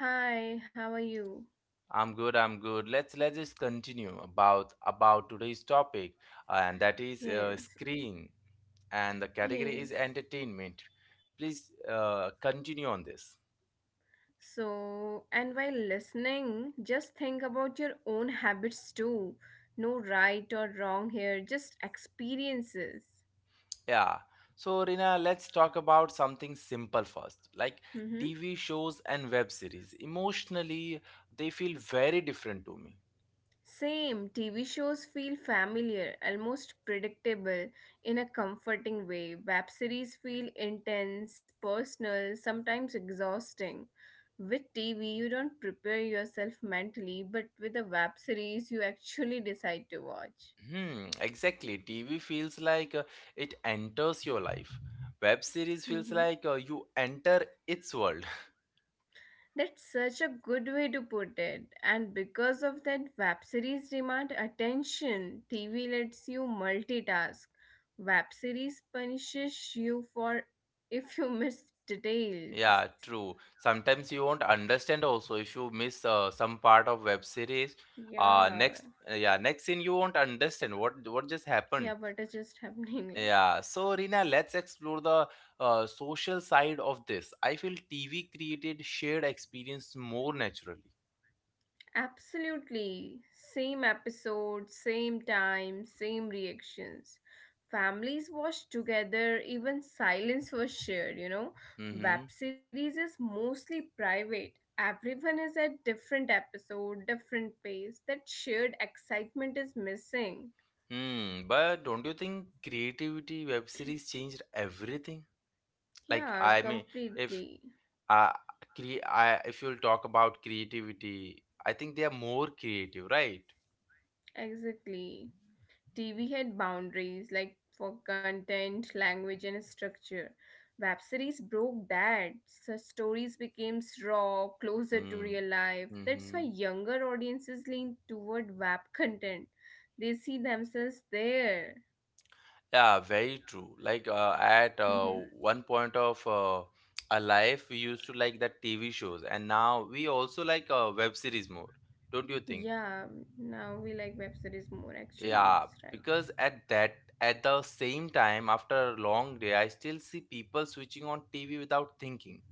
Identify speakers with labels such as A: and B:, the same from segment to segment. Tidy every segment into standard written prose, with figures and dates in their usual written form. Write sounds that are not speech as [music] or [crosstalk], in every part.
A: Hi, how are you?
B: I'm good. I'm good. Let's just continue about today's topic, and that is
A: Yes,
B: screen, and the category is
A: yes.
B: entertainment. Please continue on this.
A: So, and while listening, just think about your own habits too. No right or wrong here, just experiences.
B: Yeah. So, Rina, let's talk about something simple first. Like
A: Mm-hmm.
B: TV shows and web series. Emotionally, they feel very different to me.
A: Same, TV shows feel familiar, almost predictable in a comforting way. Web series feel intense, personal, sometimes exhausting. With TV, you don't prepare yourself mentally, but with a web series, you actually decide to watch.
B: Hmm, exactly. TV feels like, it enters your life. Web series feels
A: Mm-hmm.
B: like, you enter its world. [laughs]
A: That's such a good way to put it. And because of that, web series demand attention. TV lets you multitask. Web series punishes you for [laughs] if you miss details.
B: Yeah, true. Sometimes you won't understand also if you miss some part of web series. Uh,
A: Yeah.
B: next, yeah, next scene you won't understand what just happened.
A: Yeah, what is just happening [laughs] like?
B: Yeah, so Rina, let's explore the social side of this. I feel TV created shared experience more naturally.
A: Absolutely. Same episode, same time, same reactions. Families watched together, even silence was shared. Web
B: Mm-hmm.
A: series is mostly private. Everyone is at different episode, different pace. That shared excitement is missing.
B: Hmm. But don't you think creativity web series changed everything? Like,
A: Yeah,
B: I mean, if
A: completely.
B: uh, if you'll talk about creativity, I think they are more creative, right?
A: Exactly. TV had boundaries like for content, language, and structure. Web series broke that. So stories became raw, closer to
B: Hmm.
A: real life. That's why
B: Mm-hmm.
A: younger audiences lean toward web content. They see themselves there.
B: Yeah, very true. Like, at
A: Mhm.
B: one point of our life, we used to like that TV shows, and now we also like web series more. Don't you think?
A: Yeah, now we like web series more actually.
B: Yeah,
A: It's right.
B: because at the same time, after a long day, I still see people switching on TV without thinking.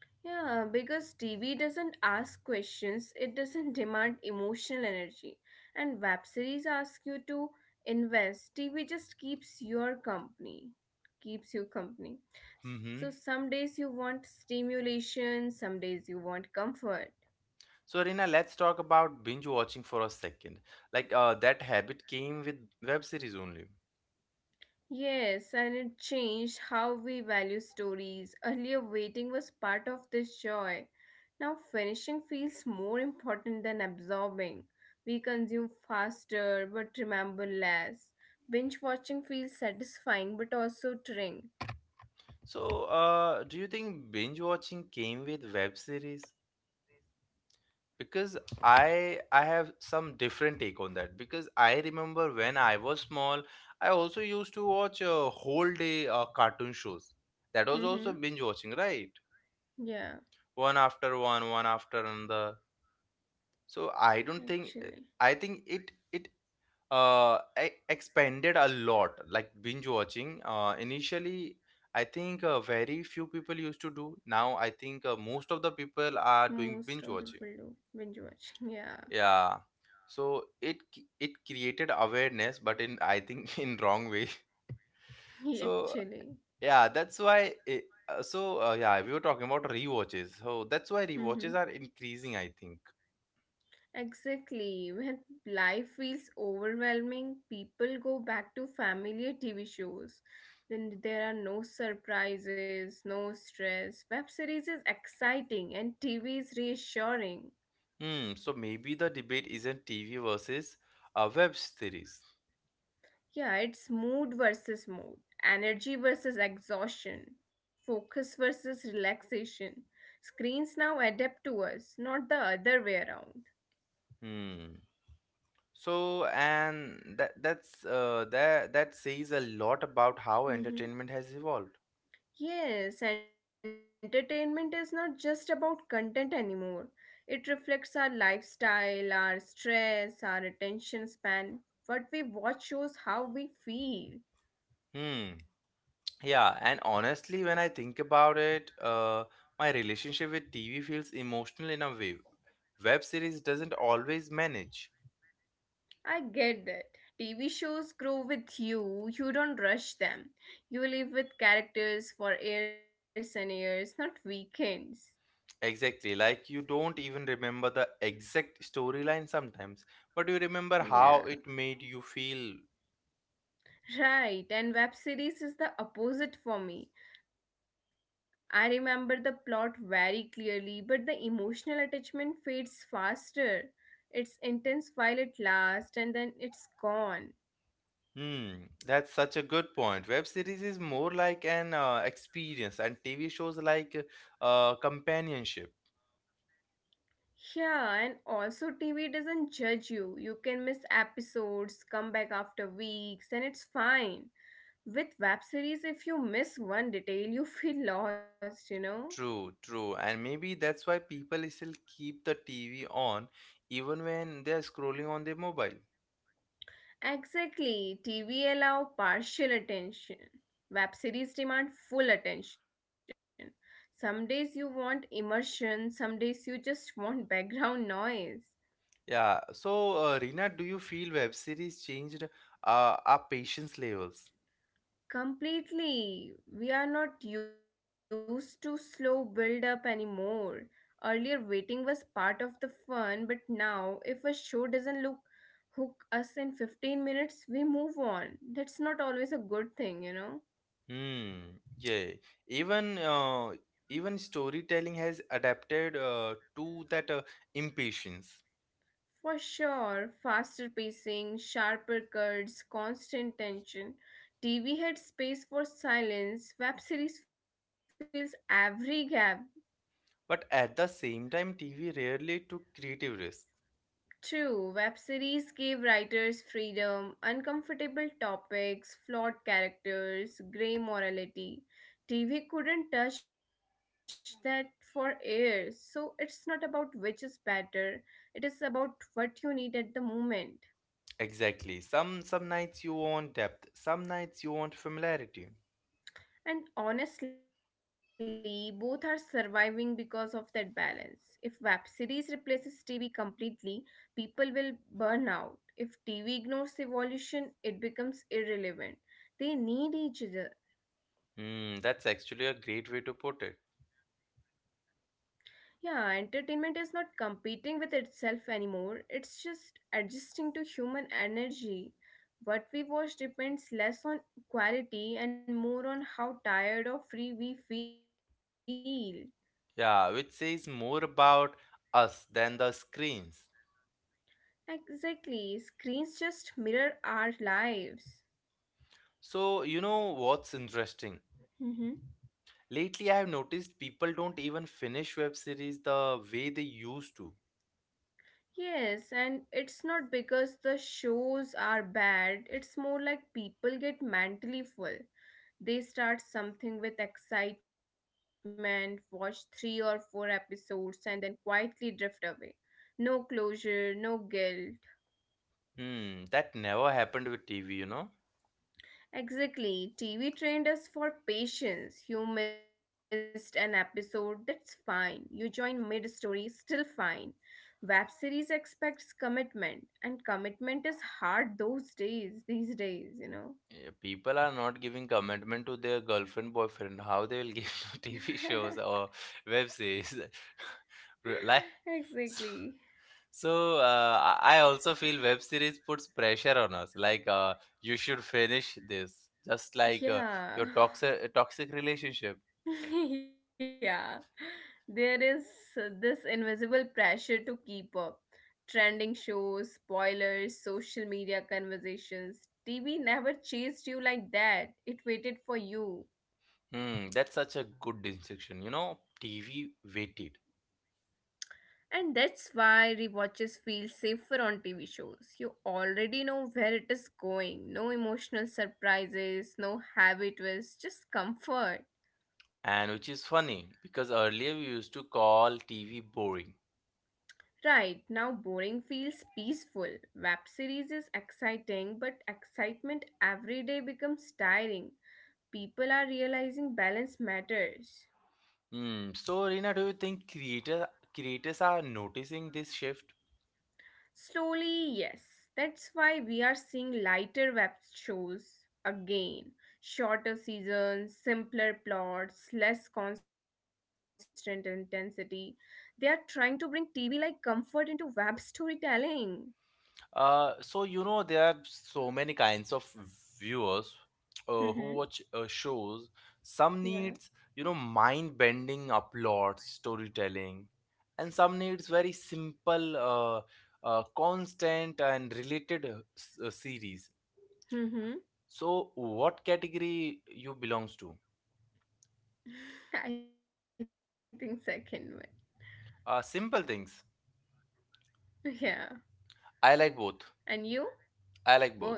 A: Yeah, because TV doesn't ask questions, it doesn't demand emotional energy. And web series ask you to invest. TV just keeps your company, keeps you company. So
B: Hmm.
A: some days you want stimulation, some days you want comfort.
B: So, Rina, let's talk about binge watching for a second. Like, that habit came with web series only.
A: Yes, and it changed how we value stories. Earlier, waiting was part of this joy. Now, finishing feels more important than absorbing. We consume faster but remember less. Binge watching feels satisfying but also tiring.
B: So, do you think binge watching came with web series? Because I have some different take on that, because I remember when I was small, I also used to watch a whole day cartoon shows. That was also
A: Mm-hmm.
B: binge watching, right?
A: Yeah,
B: One after another. So I don't think.
A: actually,
B: I think it uh expanded a lot. Like binge watching, initially, I think very few people used to do. Now I think most of the people are
A: most
B: doing
A: of the
B: binge
A: people
B: watching.
A: do binge watching. [laughs] Yeah,
B: Yeah, so it created awareness, but in, I think, [laughs] in wrong way.
A: [laughs]
B: So,
A: actually.
B: yeah, that's why it, so yeah, we were talking about rewatches, so that's why
A: Mm-hmm.
B: rewatches are increasing, I think.
A: Exactly. When life feels overwhelming, people go back to familiar TV shows. Then there are no surprises, no stress. Web series is exciting and TV is reassuring.
B: Hmm. So maybe the debate isn't TV versus web series.
A: Yeah, it's mood versus mood, energy versus exhaustion, focus versus relaxation. Screens now adapt to us, not the other way around.
B: Hmm. So, and that that's that that says a lot about how entertainment has
A: [laughs]
B: evolved.
A: Yes, entertainment is not just about content anymore. It reflects our lifestyle, our stress, our attention span. What we watch shows how we feel.
B: Hmm. Yeah, and honestly, when I think about it, my relationship with TV feels emotional in a way. Web series doesn't always manage.
A: I get that. TV shows grow with you, you don't rush them. You live with characters for years and years, not weekends.
B: Exactly, like you don't even remember the exact storyline sometimes, but you remember how it made
A: Yeah,
B: you feel.
A: right. And web series is the opposite for me. I remember the plot very clearly, but the emotional attachment fades faster. It's intense while it lasts and then it's gone.
B: Hmm, that's such a good point. Web series is more like an experience, and TV shows like companionship.
A: Yeah, and also TV doesn't judge you. You can miss episodes, come back after weeks, and it's fine. With web series, if you miss one detail, you feel lost, you know?
B: True, true. And maybe that's why people still keep the TV on even when they are scrolling on their mobile.
A: Exactly. TV allow partial attention. Web series demand full attention. Some days you want immersion, some days you just want [laughs] background noise.
B: Yeah. So, Reena, do you feel web series changed our patience levels?
A: Completely. We are not used to slow build up anymore. Earlier waiting was part of the fun, but now if a show doesn't look hook us in 15 minutes, we move on. That's not always a good thing, you know.
B: Hmm. Yeah. Even uh, even storytelling has adapted to that impatience.
A: For sure, faster pacing, sharper cuts, constant tension. TV had space for silence. Web series fills every gap.
B: But at the same time, TV rarely took creative risks.
A: True, web series gave writers freedom, uncomfortable topics, flawed characters, grey morality. TV couldn't touch that for years. So it's not about which is better, it is about what you need at the moment.
B: Exactly. Some nights you want depth, some nights you want familiarity.
A: And honestly, both are surviving because of that balance. If web series replaces TV completely, people will burn out. If TV ignores evolution, it becomes irrelevant. They need each other.
B: Hmm, that's actually a great way to put it.
A: Yeah, entertainment is not competing with itself anymore, it's just adjusting to human energy. What we watch depends less on quality and more on how tired or free we feel.
B: Yeah, which says more about us than the screens.
A: Exactly. Screens just mirror our lives.
B: So, you know what's interesting?
A: Mm-hmm.
B: Lately, I've noticed people don't even finish web series the way they used to.
A: Yes, and it's not because the shows are bad, it's more like people get mentally full. They start something with excitement, watch three or four episodes, and then quietly drift away. No closure, no guilt.
B: Hmm, that never happened with TV, you know?
A: Exactly. TV trained us for patience. You missed an episode, that's fine. You join mid story, still fine. Web series expects commitment, and commitment is hard those days, these days.
B: Yeah, people are not giving commitment to their girlfriend, boyfriend, how they will
A: [laughs]
B: give [laughs] to TV shows or web series. [laughs] Like. [laughs]
A: Exactly.
B: So, I also feel web series puts pressure on us. Like, you should finish this, just like
A: Yeah.
B: your toxic relationship.
A: [laughs] Yeah. There is this invisible pressure to keep up. Trending shows, spoilers, social media conversations. TV never chased you like that, it waited for you.
B: Hmm, that's such a good distinction. You know, TV waited,
A: And that's why rewatches feel safer on TV shows. You already know where it is going. No emotional surprises, no heavy twists, just comfort.
B: and which is funny because earlier we used to call TV boring.
A: Right, now boring feels peaceful. Web series is exciting, but excitement every day becomes tiring. People are realizing balance matters.
B: Hmm. So Rina, do you think creators are noticing this shift?
A: Slowly, yes. That's why we are seeing lighter web shows again. Shorter seasons, simpler plots, less constant intensity. They are trying to bring TV like comfort into web storytelling.
B: So you know there are so many kinds of viewers who
A: Mm-hmm.
B: watch shows. Some
A: Yeah.
B: needs, mind-bending uploads, storytelling, and some needs very simple, constant and related series.
A: Mm-hmm.
B: So what category you belongs to?
A: [laughs] I think second one.
B: Simple things.
A: Yeah,
B: I
A: and
B: like
A: you
B: both.
A: both.
B: I like both.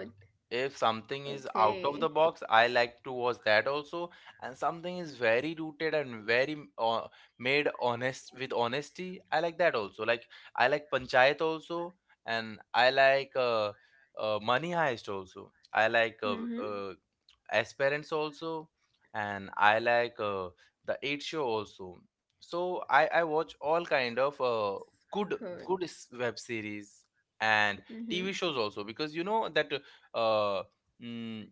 B: If something is
A: Okay.
B: out of the box, I like to watch that also. And something is very rooted and very, made honest with honesty, I like that also. Like, I like Panchayat also, and I like Money Heist also. I like
A: Mhm.
B: uh, Aspirants also, and I like the Eight Show also. So I watch all kind
A: That's
B: of
A: good.
B: good good web series and
A: Mhm.
B: TV shows also, because you know that, uh, mm,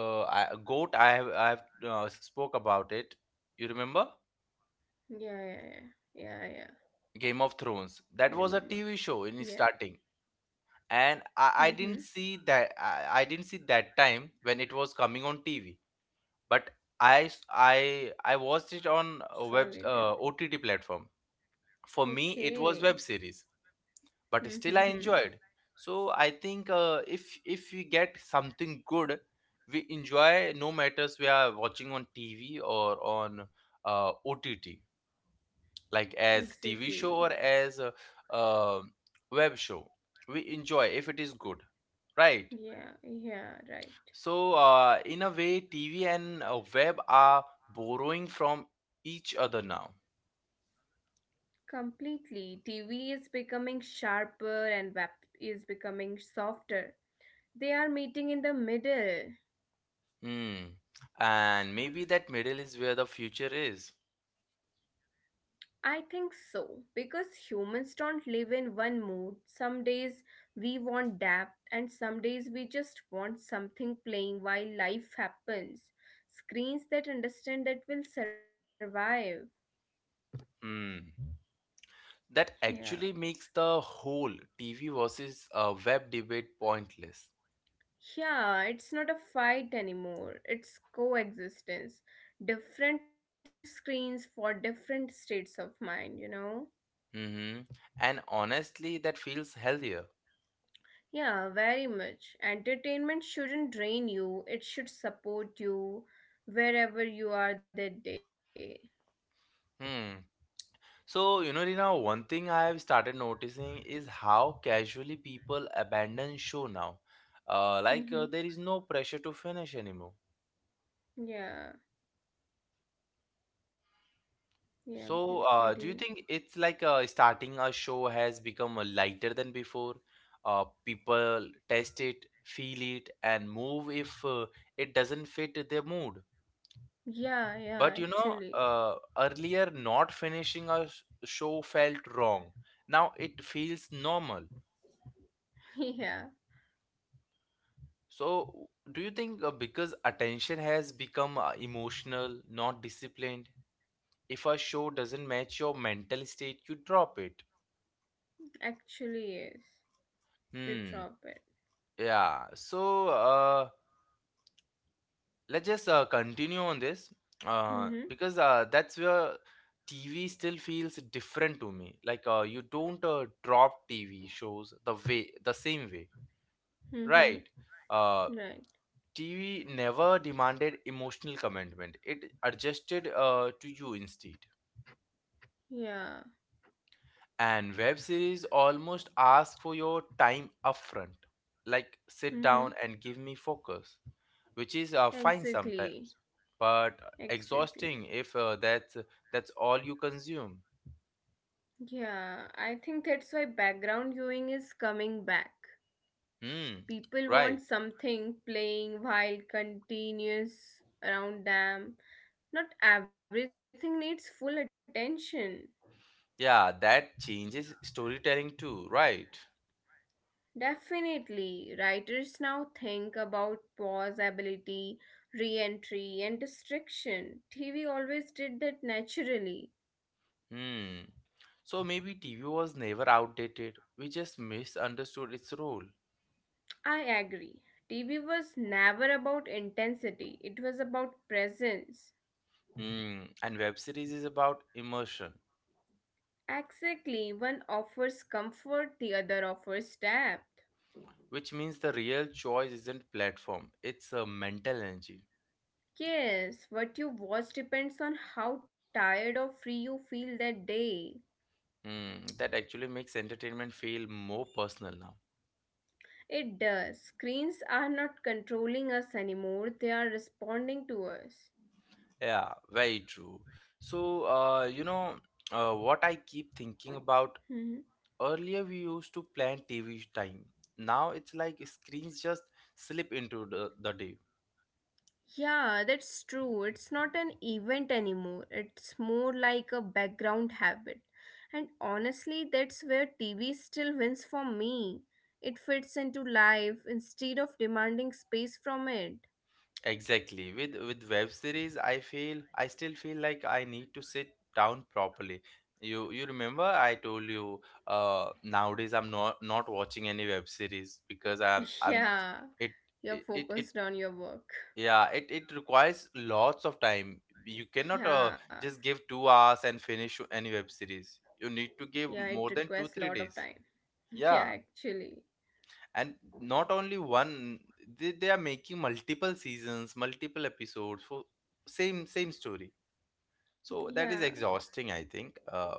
B: goat I have spoke about it. You remember
A: Yeah, yeah, yeah, yeah, yeah.
B: Game
A: I
B: of Thrones?
A: remember.
B: That was a TV
A: Yeah.
B: show in starting, and I,
A: Mhm.
B: I didn't see that, I didn't see that time when it was coming on TV. But I s- I watched it on
A: Solid.
B: a web OTT platform. For me, it
A: Okay.
B: was web series, but still I
A: Mhm.
B: enjoyed. So I think, if we get something good, we enjoy no matters we are watching on TV or on OTT, like as
A: Exactly.
B: TV show or as a, uh, um, web show. We enjoy if it is good, right?
A: Yeah, yeah, right.
B: So, in a way, TV and web are borrowing from each other now.
A: Completely. TV is becoming sharper and web is becoming softer. They are meeting in the middle.
B: Hmm. And maybe that middle is where the future is.
A: I think so, because humans don't live in one mood. Some days we want depth, and some days we just want something playing while life happens. Screens that understand that will survive.
B: Hmm.
A: Yeah.
B: That actually makes the whole TV versus web debate pointless.
A: Yeah, it's not a fight anymore, it's coexistence. Different screens for different states of mind, you know?
B: Hmm. And honestly, that feels healthier.
A: Yeah, very much. Entertainment shouldn't drain you, it should support you wherever you are that day.
B: Hmm. So, Rina, one thing I have started noticing is how casually people abandon show now.
A: Mm-hmm.
B: Like, there is no pressure to finish anymore.
A: Yeah, yeah,
B: So,
A: please
B: do
A: continue.
B: you think it's like, starting a show has become lighter than before? People test it, feel it, and move if it doesn't fit their mood.
A: Yeah, yeah,
B: But
A: actually. [laughs]
B: earlier not finishing a show felt wrong. Now it feels normal.
A: Yeah,
B: So, do you think, because attention has become emotional, not disciplined, if a show doesn't match your mental state, you drop it?
A: actually, yes. We
B: Hmm.
A: drop it.
B: Yeah. So, let's just continue on this,
A: Mm-hmm.
B: because that's where TV still feels different to me. Like, you don't drop TV shows the same way.
A: Mm-hmm.
B: Right. Uh,
A: Right.
B: TV never demanded emotional commitment. It adjusted to you instead.
A: Yeah.
B: And web series almost ask for your time upfront. Like, sit
A: Mm-hmm.
B: down and give me focus, which is fine
A: Exactly.
B: sometimes, but
A: Exactly.
B: exhausting if that's all you consume.
A: Yeah, I think that's why background viewing is coming back.
B: Hmm.
A: People
B: Right.
A: want something playing while continuous around them. Not everything needs full attention.
B: Yeah, that changes storytelling too, right?
A: Definitely, writers now think about pausability, re entry, and distraction. TV always did that naturally.
B: Hmm. So maybe TV was never outdated, we just misunderstood its role.
A: I agree. TV was never about intensity, it was about presence.
B: Hmm. And web series is about immersion,
A: Exactly, one offers comfort, the other offers depth.
B: which means the real choice isn't platform, it's a mental energy.
A: Yes, what you watch depends on how tired or free you feel that day.
B: Hmm. That actually makes entertainment feel more personal now.
A: It does. Screens are not controlling us anymore, they are responding to us.
B: Yeah, very true. So, what I keep thinking about,
A: Mhm.
B: earlier we used to plan TV time. Now it's like screens just slip into the day.
A: Yeah, that's true. It's not an event anymore, it's more like a background habit. And honestly, that's where TV still wins for me. It fits into life instead of demanding space from it.
B: Exactly. With web series, I still feel like I need to sit down properly. You remember I told you, nowadays I'm not watching any web series, because
A: [laughs]
B: I'm
A: Yeah,
B: it
A: you're
B: it it, it
A: focused on your work.
B: yeah, it requires lots of time. You cannot,
A: Yeah,
B: just give 2 hours and finish any web series. You need to
A: yeah,
B: give
A: it
B: more than two
A: requires a
B: three
A: lot of
B: days.
A: time. [laughs] Yeah,
B: Yeah,
A: actually.
B: and not only one, they are making multiple seasons, multiple episodes for same story. So that is
A: Yeah.
B: exhausting, I think.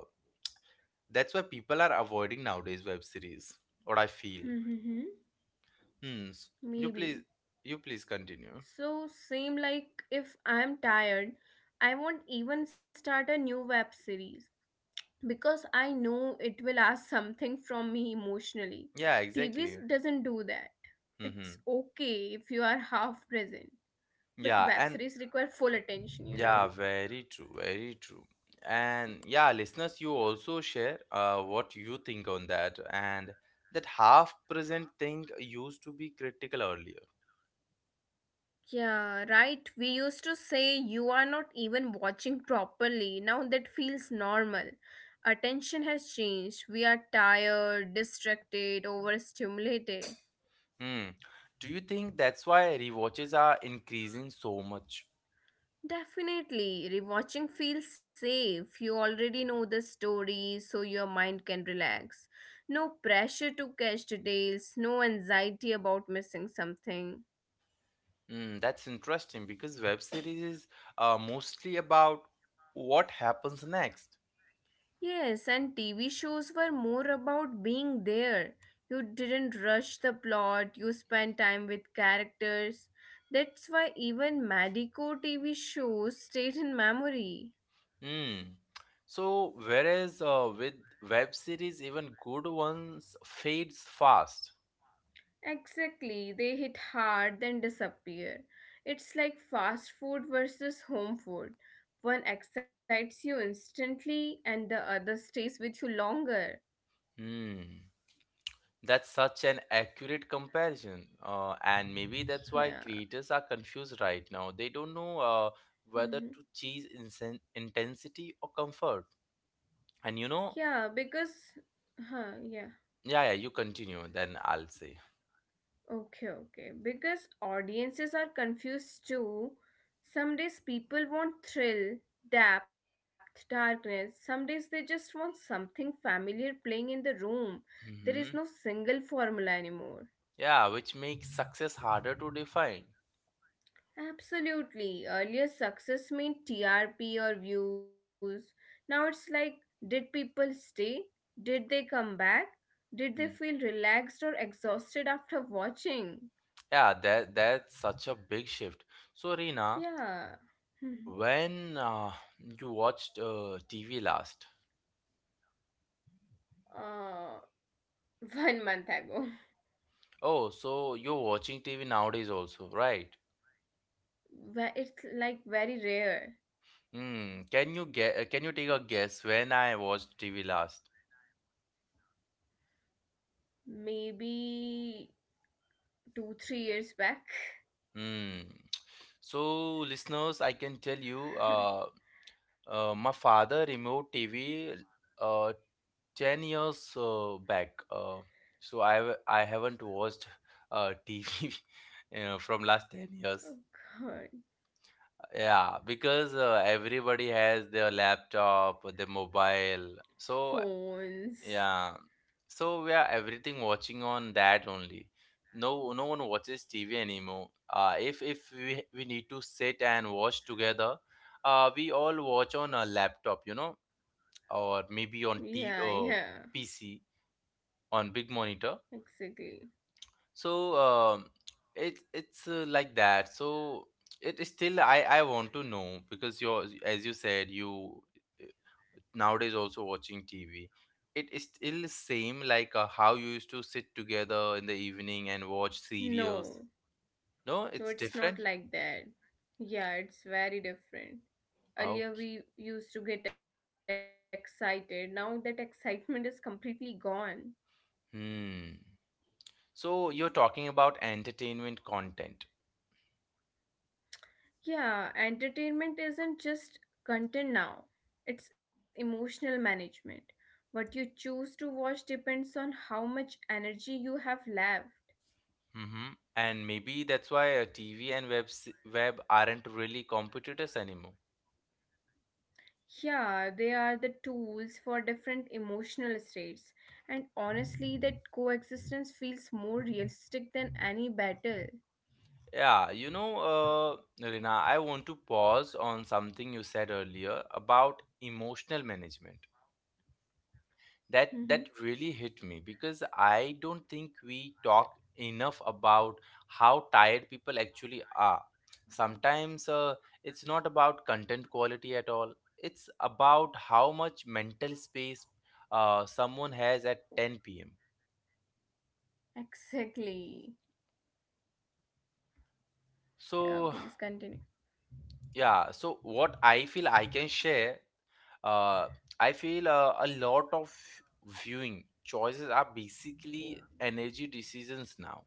B: That's why people are avoiding nowadays web series, what I feel.
A: Mm-hmm.
B: Hmm. You please
A: Maybe.
B: you please continue.
A: So same like if I'm tired, I won't even start a new web series because I know it will ask something from me emotionally.
B: Yeah,
A: TVs
B: exactly.
A: doesn't do that.
B: Mm-hmm.
A: It's okay if you are half present, but
B: Yeah.
A: web
B: And
A: series require full attention, you
B: yeah,
A: know?
B: very true, very true. And yeah, listeners, you also share, what you think on that. And that half present thing used to be critical earlier.
A: Yeah, right. We used to say you are not even watching properly. Now that feels normal. Attention has changed. We are tired, distracted, overstimulated.
B: Hmm. Do you think that's why rewatches are increasing so much?
A: Definitely, rewatching feels safe. You already know the story, so your mind can relax. No pressure to catch details, no anxiety about missing something.
B: Hmm, that's interesting because web series is mostly about what happens next.
A: Yes, and TV shows were more about being there. You didn't rush the plot, you spent time with characters. That's why even Madico TV shows stayed in memory.
B: Hmm. So, whereas with web series, even good ones fades fast.
A: Exactly, they hit hard then disappear. It's like fast food versus home food. One excites you instantly and the other stays with you longer.
B: Hmm. That's such an accurate comparison, and maybe that's why
A: Yeah.
B: creators are confused right now. They don't know whether to
A: Mhm.
B: choose intensity or comfort. And
A: Yeah, because yeah.
B: yeah, yeah, you continue, then I'll say.
A: Okay, okay. Because audiences are confused too. Some days people want thrill, depth, darkness. Some days they just want something familiar playing in the room. There is
B: Hmm.
A: no single formula anymore.
B: Yeah, which makes success harder to define.
A: Absolutely. Earlier success meant TRP or views. Now it's like did people stay? Did they come back? Did they
B: Mm.
A: feel relaxed or exhausted after watching?
B: Yeah, that's such a big shift. So, Reena,
A: Yeah.
B: when you watched TV last?
A: [laughs] uh, One month ago.
B: Oh, so you're watching TV nowadays also, right?
A: Where it's like very rare.
B: Hmm. Can you get? Can you take a guess when I watched TV last?
A: Maybe two, 3 years back.
B: Hmm. So, listeners, I can tell you,
A: [laughs] Oh
B: my father removed TV uh, 10 years back. I haven't watched TV [laughs] you know, from last 10 years.
A: god.
B: Yeah, because everybody has their laptop, their mobile, so
A: Phones.
B: yeah, so we are everything watching on that only. No, no one watches TV anymore. If we need to sit and watch together, we all watch on a laptop, you know, or maybe on
A: Yeah,
B: t
A: yeah.
B: PC, on big monitor.
A: Exactly.
B: So it's like that. So it is still, I want to know, because you're, as you said, you, uh, nowadays also watching TV. It is still same like how you used to sit together in the evening and watch serials.
A: No.
B: No, it's
A: No, it's
B: different.
A: not like that. Yeah, it's very different.
B: Okay.
A: Earlier we used to get excited. Now that excitement is completely gone.
B: Hmm. So you're talking about entertainment content.
A: Yeah, entertainment isn't just content now, it's emotional management. What you choose to watch depends on how much energy you have left.
B: Mm-hmm. And maybe that's why TV and web aren't really competitors anymore.
A: Yeah, they are the tools for different emotional states, and honestly, that coexistence feels more realistic than any battle.
B: Yeah, you know, Rina, I want to pause on something you said earlier about emotional management.
A: Mhm.
B: That really hit me because I don't think we talk enough about how tired people actually are. Sometimes it's not about content quality at all. It's about how much mental space someone has at 10 p.m.
A: Exactly.
B: So,
A: Yeah, please continue.
B: yeah, so what I feel I can share, uh, I feel a lot of viewing choices are basically energy decisions now.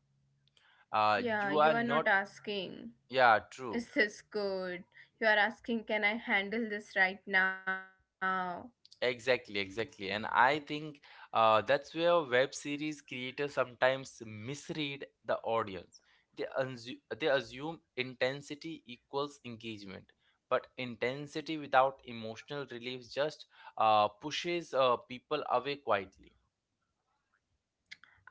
B: You are
A: Yeah,
B: not —
A: you are not
B: yeah,
A: asking,
B: true.
A: is this good? You are asking, can I handle this right now?
B: Exactly, exactly. And I think that's where web series creators sometimes misread the audience. They assume intensity equals engagement, but intensity without emotional relief just pushes people away quietly.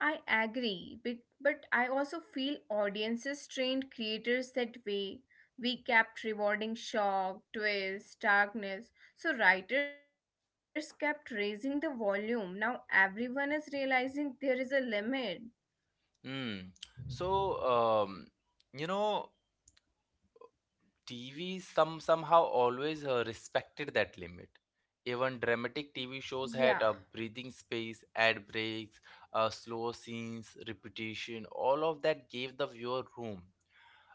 A: I agree, but I also feel audiences trained creators that way. We kept rewarding shock, twist, darkness. So writers kept raising the volume. Now everyone is realizing there is a limit.
B: Mm. So, you know, TV somehow always respected that limit. Even dramatic TV
A: Yeah,
B: shows had a breathing space, ad breaks, slow scenes, repetition. All of that gave the viewer room.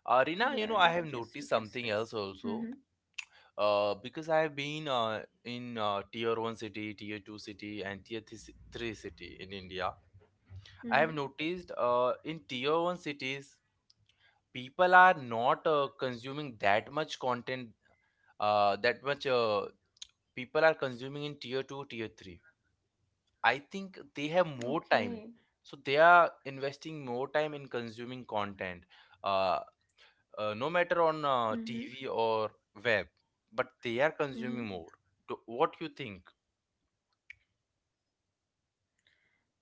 B: Rina, you know, I have
A: yeah,
B: noticed
A: that
B: something
A: used to
B: else
A: give
B: also.
A: space. Mm-hmm.
B: Because I have been in tier 1 city, tier 2 city, and three city in India. I have
A: Mm-hmm.
B: noticed in tier 1 cities people are not consuming that much content, that much people are consuming in tier 2, tier 3. I think they have more
A: Okay.
B: time, so they are investing more time in consuming content, uh, no matter on
A: Mm-hmm.
B: TV or web, but they are consuming more.
A: Mm-hmm.
B: What you think?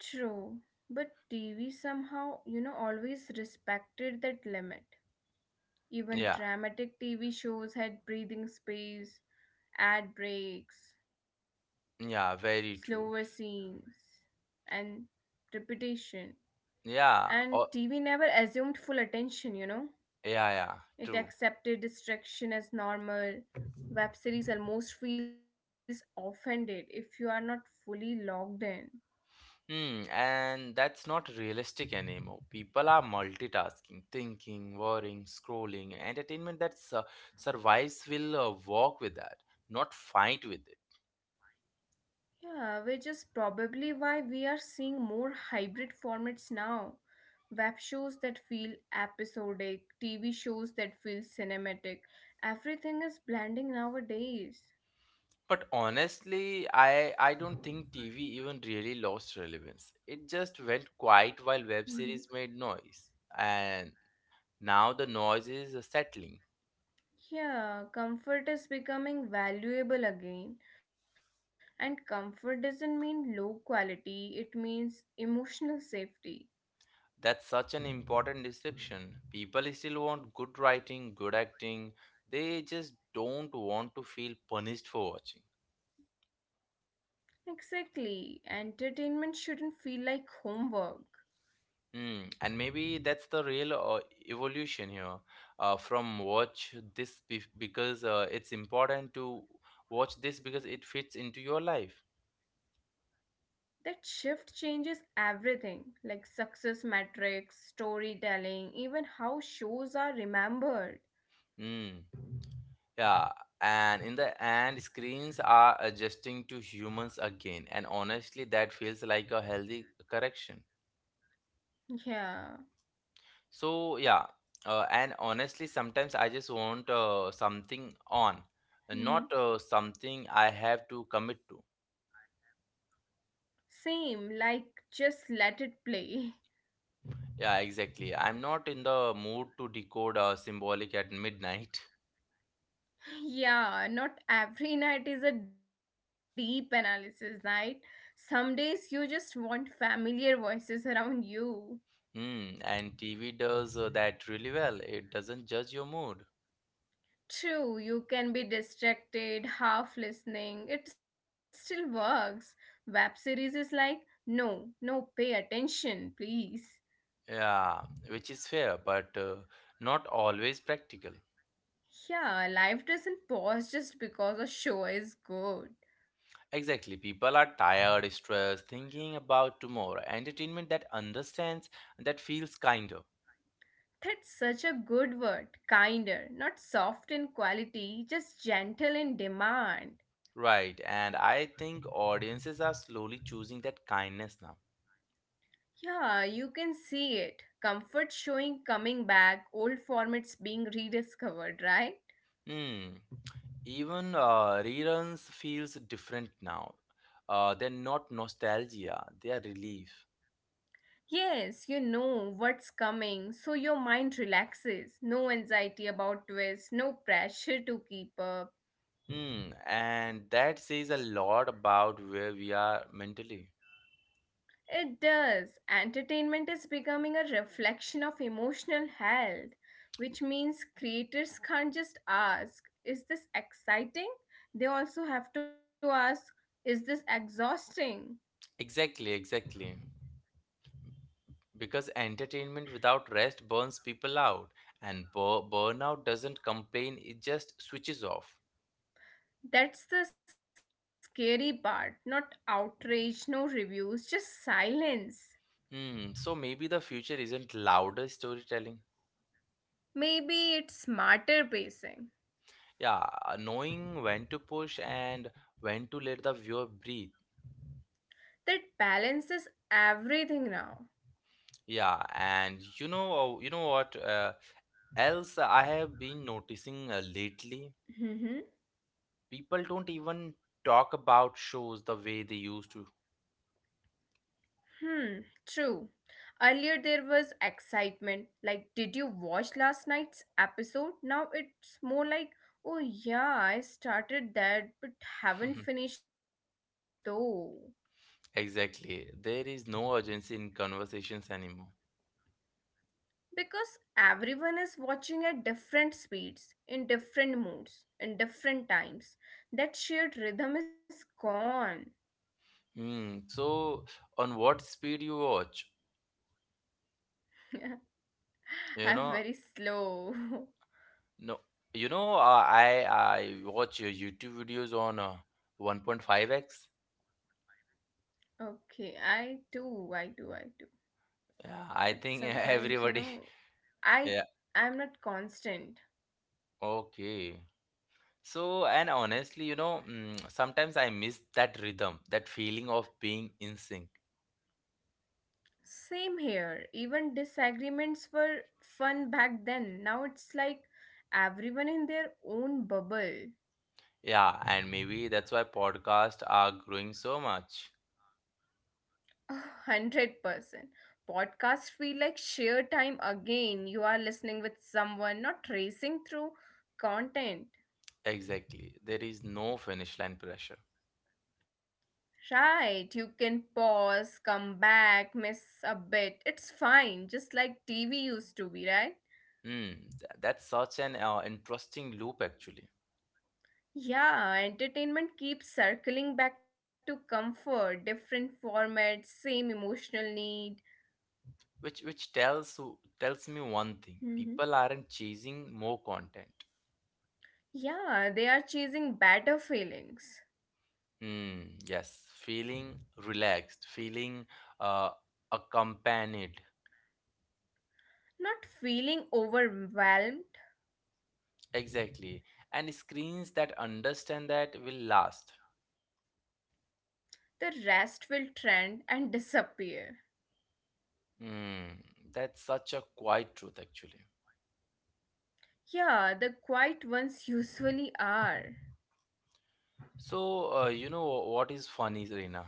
A: True. But TV somehow, always respected that limit.
B: Yeah,
A: Even dramatic TV shows had breathing space, ad breaks,
B: yeah, very
A: slower
B: true.
A: scenes, and repetition.
B: Yeah, or
A: And TV never assumed full attention, you know?
B: yeah, yeah, true.
A: It accepted distraction as normal. Web series almost feels offended if you are not fully logged in.
B: Hmm, and that's not realistic anymore. People are multitasking, thinking, worrying, scrolling. Entertainment that survives will walk with that, not fight with it.
A: Yeah, which is probably why we are seeing more hybrid formats now web shows that feel episodic, TV shows that feel cinematic. Everything is blending nowadays.
B: But honestly, I don't think TV even really lost relevance. It just went quiet while web
A: Mhm.
B: series made noise, and now the noise is settling.
A: Yeah, comfort is becoming valuable again. And comfort doesn't mean low quality, it means emotional safety.
B: That's such an important distinction. People still want good writing, good acting. They just don't want to feel punished for watching.
A: Exactly. Entertainment shouldn't feel like homework.
B: Hmm. And maybe that's the real evolution here, from watch this because it's important to watch this because it fits into your life.
A: That shift changes everything, like success metrics, storytelling, even how shows are remembered.
B: Hmm. Yeah. And in the end, screens are adjusting to humans again. And honestly, that feels like a healthy correction.
A: Yeah.
B: So yeah, and honestly, sometimes I just want something on, not
A: Mhm.
B: something I have to commit to.
A: Same, like just let it play.
B: Yeah, exactly. I'm not in the mood to decode symbolic at midnight. [laughs]
A: [laughs] yeah, not every [laughs] night is a deep analysis night. Some days you just want familiar voices around you.
B: Hmm, and TV does that really well. It doesn't judge your mood.
A: True, you can be distracted, half listening, it still works. Web series is like, no, no, pay attention, please.
B: Yeah, which is fair, but not always practical.
A: Yeah, life doesn't pause just because a show is good.
B: Exactly. People are tired, stressed, thinking about tomorrow. Entertainment that understands, that feels kinder.
A: That's such a good word. Kinder, not soft in quality, just gentle in demand.
B: Right, and I think audiences are slowly choosing that kindness now.
A: Yeah, you can see it. Comfort showing coming back, old formats being rediscovered, right?
B: Hmm. Even reruns feels different now. They're not nostalgia; they are relief.
A: Yes, you know what's coming, so your mind relaxes. No anxiety about twists, no pressure to keep up.
B: Hmm. And that says a lot about where we are mentally.
A: It does. Entertainment is becoming a reflection of emotional health, which means creators can't just ask, is this exciting? They also have to ask, is this exhausting?
B: Exactly, exactly. Because entertainment without rest burns people out, and burnout doesn't complain; it just switches off.
A: That's the scary part. Not outrage, no reviews, just silence.
B: Hmm. So maybe the future isn't louder storytelling.
A: Maybe it's smarter pacing
B: Yeah, knowing when to push and when to let the viewer breathe.
A: that balances everything now.
B: Yeah, and you know what else I have been noticing lately?
A: Hmm.
B: People don't even talk about shows the way they used to.
A: Hmm, true. Earlier there was excitement, like, did you watch last night's episode? Now it's more like, oh yeah, I started that but haven't
B: [laughs]
A: finished though.
B: Exactly. There is no urgency in conversations anymore.
A: Because everyone is watching at different speeds, in different moods, in different times. That shared rhythm is gone.
B: Hmm. So, on what speed you watch?
A: [laughs]
B: You know,
A: I'm very slow.
B: no, you know, I watch YouTube videos on 1.5x.
A: [laughs] okay, I do, I do, I do.
B: Yeah, I
A: But
B: think
A: sometimes, you
B: everybody.
A: know,
B: [laughs]
A: I
B: Yeah,
A: I'm not constant.
B: okay. So, and honestly, you know, sometimes I miss that rhythm, that feeling of being in sync.
A: Same here. Even disagreements were fun back then. Now it's like everyone in their own bubble.
B: Yeah, and maybe that's why podcasts are growing so much.
A: [laughs] 100%. Podcasts feel like sheer time again. You are listening with someone, not racing through content.
B: Exactly. There is no finish line pressure.
A: Right, you can pause, come back, miss a bit. It's fine, just like TV used to be, right?
B: Hmm, that's such an interesting loop, actually,
A: Yeah, entertainment keeps circling back to comfort, different formats, same emotional need.
B: which tells me one thing.
A: Hmm.
B: People aren't chasing more content.
A: Yeah, they are chasing better feelings.
B: Hmm. Yes, feeling relaxed, feeling uh, accompanied.
A: Not feeling overwhelmed,
B: Exactly. And screens that understand that will last.
A: the rest will trend and disappear.
B: Hmm. That's such a quiet truth, actually.
A: Yeah, the quiet ones usually are.
B: So, you know what is funny, Reena?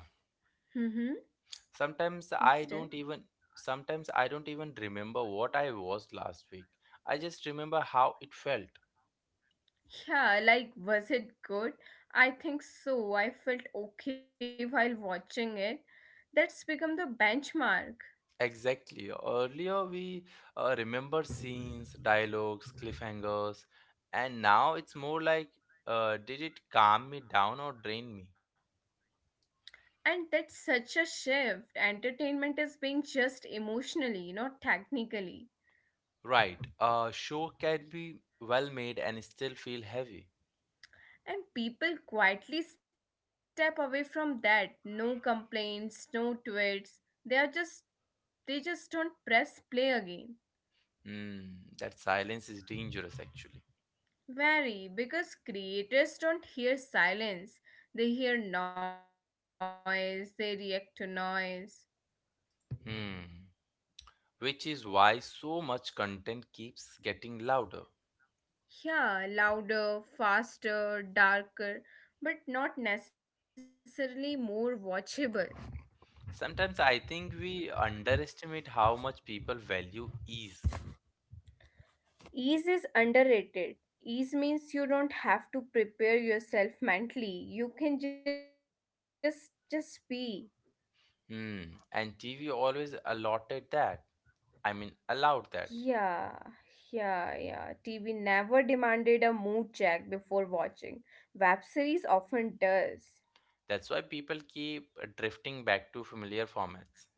A: Hmm.
B: Sometimes
A: Please
B: I
A: tell.
B: don't even, sometimes I don't even remember what I was last week. I just remember how it felt.
A: Yeah, like, was it good? I think so. I felt okay while watching it. That's become the benchmark.
B: Exactly. Earlier, we remember scenes, dialogues, cliffhangers, and now it's more like, did it calm me down or drain me?
A: And that's such a shift. Entertainment is being just emotionally, not technically.
B: Right. A show can be well made and still feel heavy.
A: And people quietly step away from that. No complaints, no tweets. They are just they just don't press play again.
B: Mm, that silence is dangerous, actually.
A: Very because creators don't hear silence. They hear noise, they react to noise.
B: Hmm. Which is why so much content keeps getting louder.
A: Yeah, louder, faster, darker, but not necessarily more watchable.
B: Sometimes I think we underestimate how much people value ease.
A: Ease is underrated. Ease means you don't have to prepare yourself mentally. You can just be.
B: Hmm. And TV always allotted that. I mean, allowed that.
A: Yeah, yeah, yeah. TV never demanded a mood check before watching. Web series often does.
B: That's why people keep drifting back to familiar formats.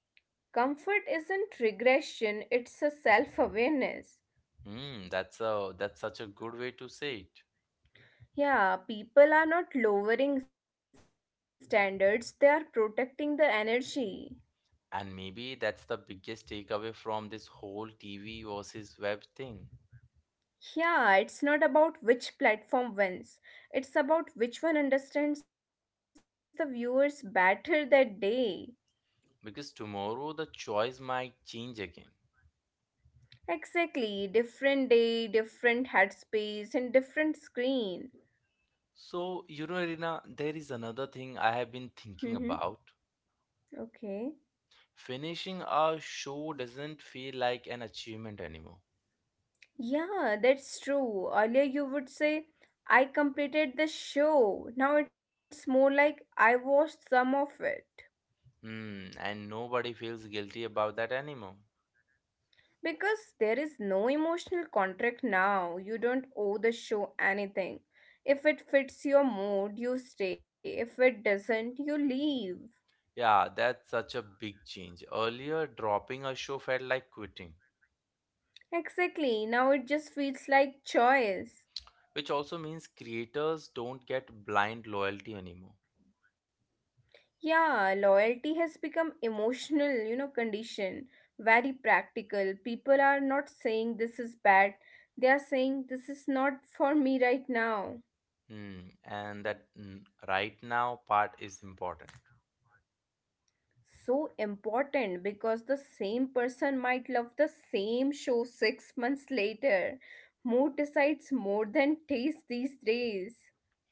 A: Comfort isn't regression, it's a self awareness.
B: Hmm. That's such a good way to say it.
A: Yeah, people are not lowering standards, they are protecting the energy.
B: And maybe that's the biggest takeaway from this whole TV versus web thing.
A: Yeah, it's not about which platform wins. It's about which one understands the viewers better that day.
B: Because tomorrow the choice might change again.
A: Exactly, different day, different headspace, and different screen.
B: So, you know, Irina, there is another thing I have been thinking
A: Mm-hmm.
B: about.
A: Okay.
B: Finishing a show doesn't feel like an achievement anymore.
A: Yeah, that's true. Earlier you would say, I completed the show. Now it's more like I watched some of it.
B: Hmm, and nobody feels guilty about that anymore.
A: Because there is no emotional contract now. You don't owe the show anything. If it fits your mood, you stay. If it doesn't, you leave.
B: Yeah, that's such a big change. Earlier, dropping a show felt like quitting,
A: Exactly. Now it just feels like choice.
B: which also means creators don't get blind loyalty anymore.
A: Yeah, loyalty has become emotional, you know, condition. Very practical. People are not saying this is bad. They are saying this is not for me right now.
B: Hmm, and that, right now part is important.
A: So important because the same person might love the same show 6 months later. Mood decides more than taste these days.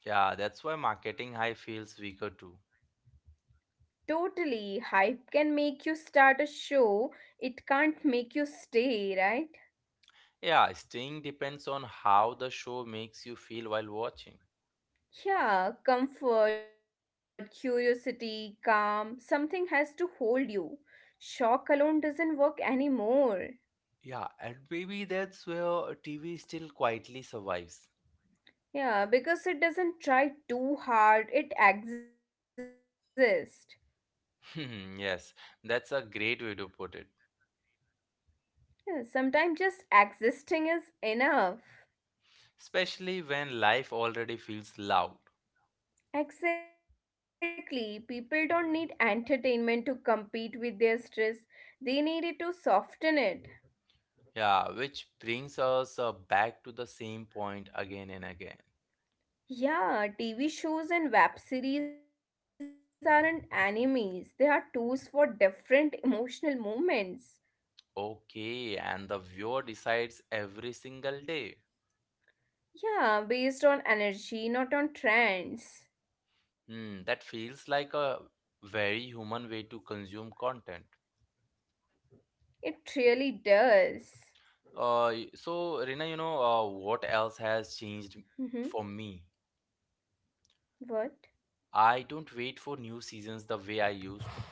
B: Yeah, that's why marketing high feels weaker too.
A: Totally, hype can make you start a show, it can't make you stay, right?
B: Yeah, staying depends on how the show makes you feel while watching.
A: Yeah, comfort, curiosity, calm, something has to hold you. Shock alone doesn't work anymore.
B: Yeah, and maybe that's where TV still quietly survives. [laughs]
A: Yeah, because it doesn't try too hard, it exists.
B: Hmm, yes, that's a great way to put it.
A: Yeah, sometimes just existing is enough.
B: Especially when life already feels loud.
A: Exactly. People don't need entertainment to compete with their stress, they need it to soften it.
B: Yeah, which brings us back to the same point again and again.
A: Yeah, TV shows and web series aren't enemies, they are tools for different [laughs] emotional moments.
B: Okay, and the viewer decides every single day.
A: Yeah, based on energy, not on trends.
B: Hmm, that feels like a very human way to consume content.
A: It really does.
B: So Rina, you know, what else has changed for
A: Mm-hmm.
B: me?
A: What?
B: I don't wait for new seasons the way I used to.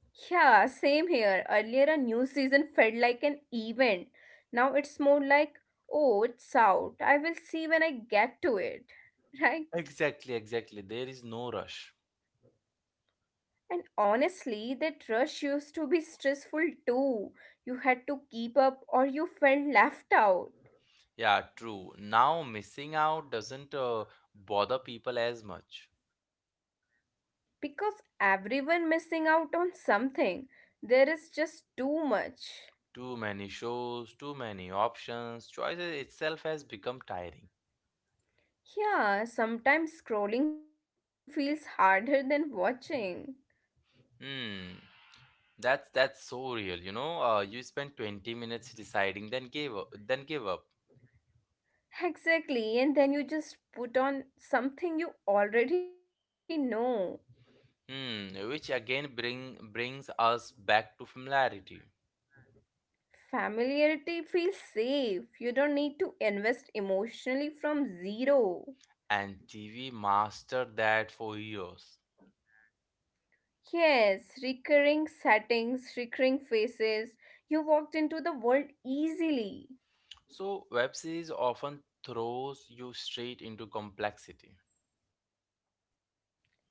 A: Yeah, same here. Earlier, a new season felt like an event. Now it's more like, oh, it's out. I will see when I get to it. [laughs] Right?
B: Exactly, exactly. There is no rush.
A: And honestly, that rush used to be stressful too. You had to keep up or you felt left out.
B: Yeah, true. Now missing out doesn't bother people as much.
A: Because everyone missing out on something. There is just too much.
B: Too many shows, too many options, choices itself has become tiring.
A: Yeah, sometimes scrolling feels harder than watching.
B: Hmm. That's so real, you know. You spend 20 minutes deciding, then give up, then give up.
A: Exactly, and then you just put on something you already know.
B: Hmm, which again brings us back to familiarity.
A: Familiarity feels safe. You don't need to invest emotionally from
B: And
A: zero.
B: TV mastered that for years.
A: Yes, recurring settings, recurring faces. You walked into the world easily,
B: So web series often throws you straight into complexity.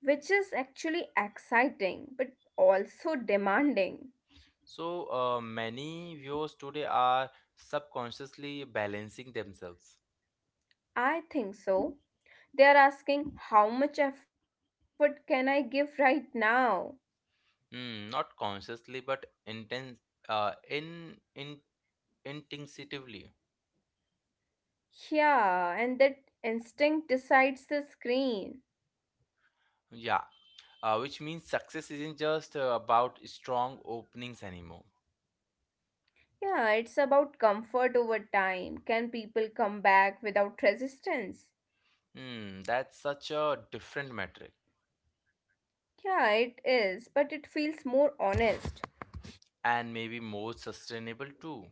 A: which is actually exciting but also demanding.
B: So, many viewers today are subconsciously balancing themselves.
A: I think so. They are asking, how much effort can I give right now?
B: Hmm, not consciously, but intense, uh, in, in, instinctively.
A: Yeah, and that instinct decides the screen.
B: Yeah, which means success isn't just about strong openings anymore.
A: Yeah, it's about comfort over time. Can people come back without resistance?
B: Hmm, that's such a different metric,
A: Yeah, it is, but it feels more honest.
B: and maybe more sustainable too.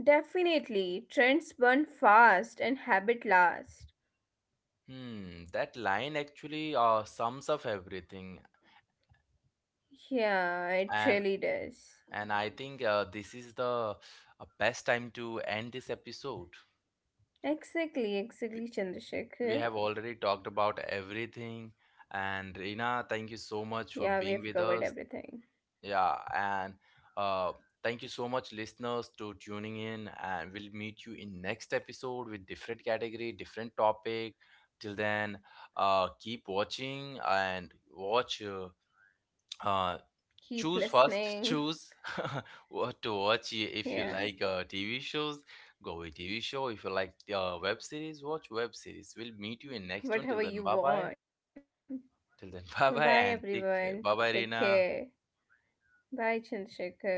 A: Definitely, trends burn fast and habit last.
B: Hmm, that line actually sums up everything.
A: Yeah, it
B: And
A: really does.
B: And I think this is the best time to end this episode.
A: Exactly,
B: We
A: exactly,
B: we
A: Chandrasekhar.
B: have already talked about everything. And Reena, thank you so
A: Yeah, we
B: much for
A: have
B: being
A: covered
B: with us.
A: everything.
B: Yeah. And uh, thank you so much, listeners, to tuning in. And we'll meet you in next episode with different category, different topic. Till then, keep watching and watch uh,
A: Keep listening.
B: choose [laughs] what to watch. If
A: Yeah,
B: you like TV shows, go with TV show. If you like web series, watch web series. We'll meet you in next one.
A: [laughs]
B: Till then,
A: whatever
B: bye
A: you
B: bye.
A: want.
B: Till then, [laughs]
A: Bye
B: bye bye, and
A: everyone.
B: take care. Bye
A: Take
B: bye, Rina.
A: care. Bye Chandrasekhar.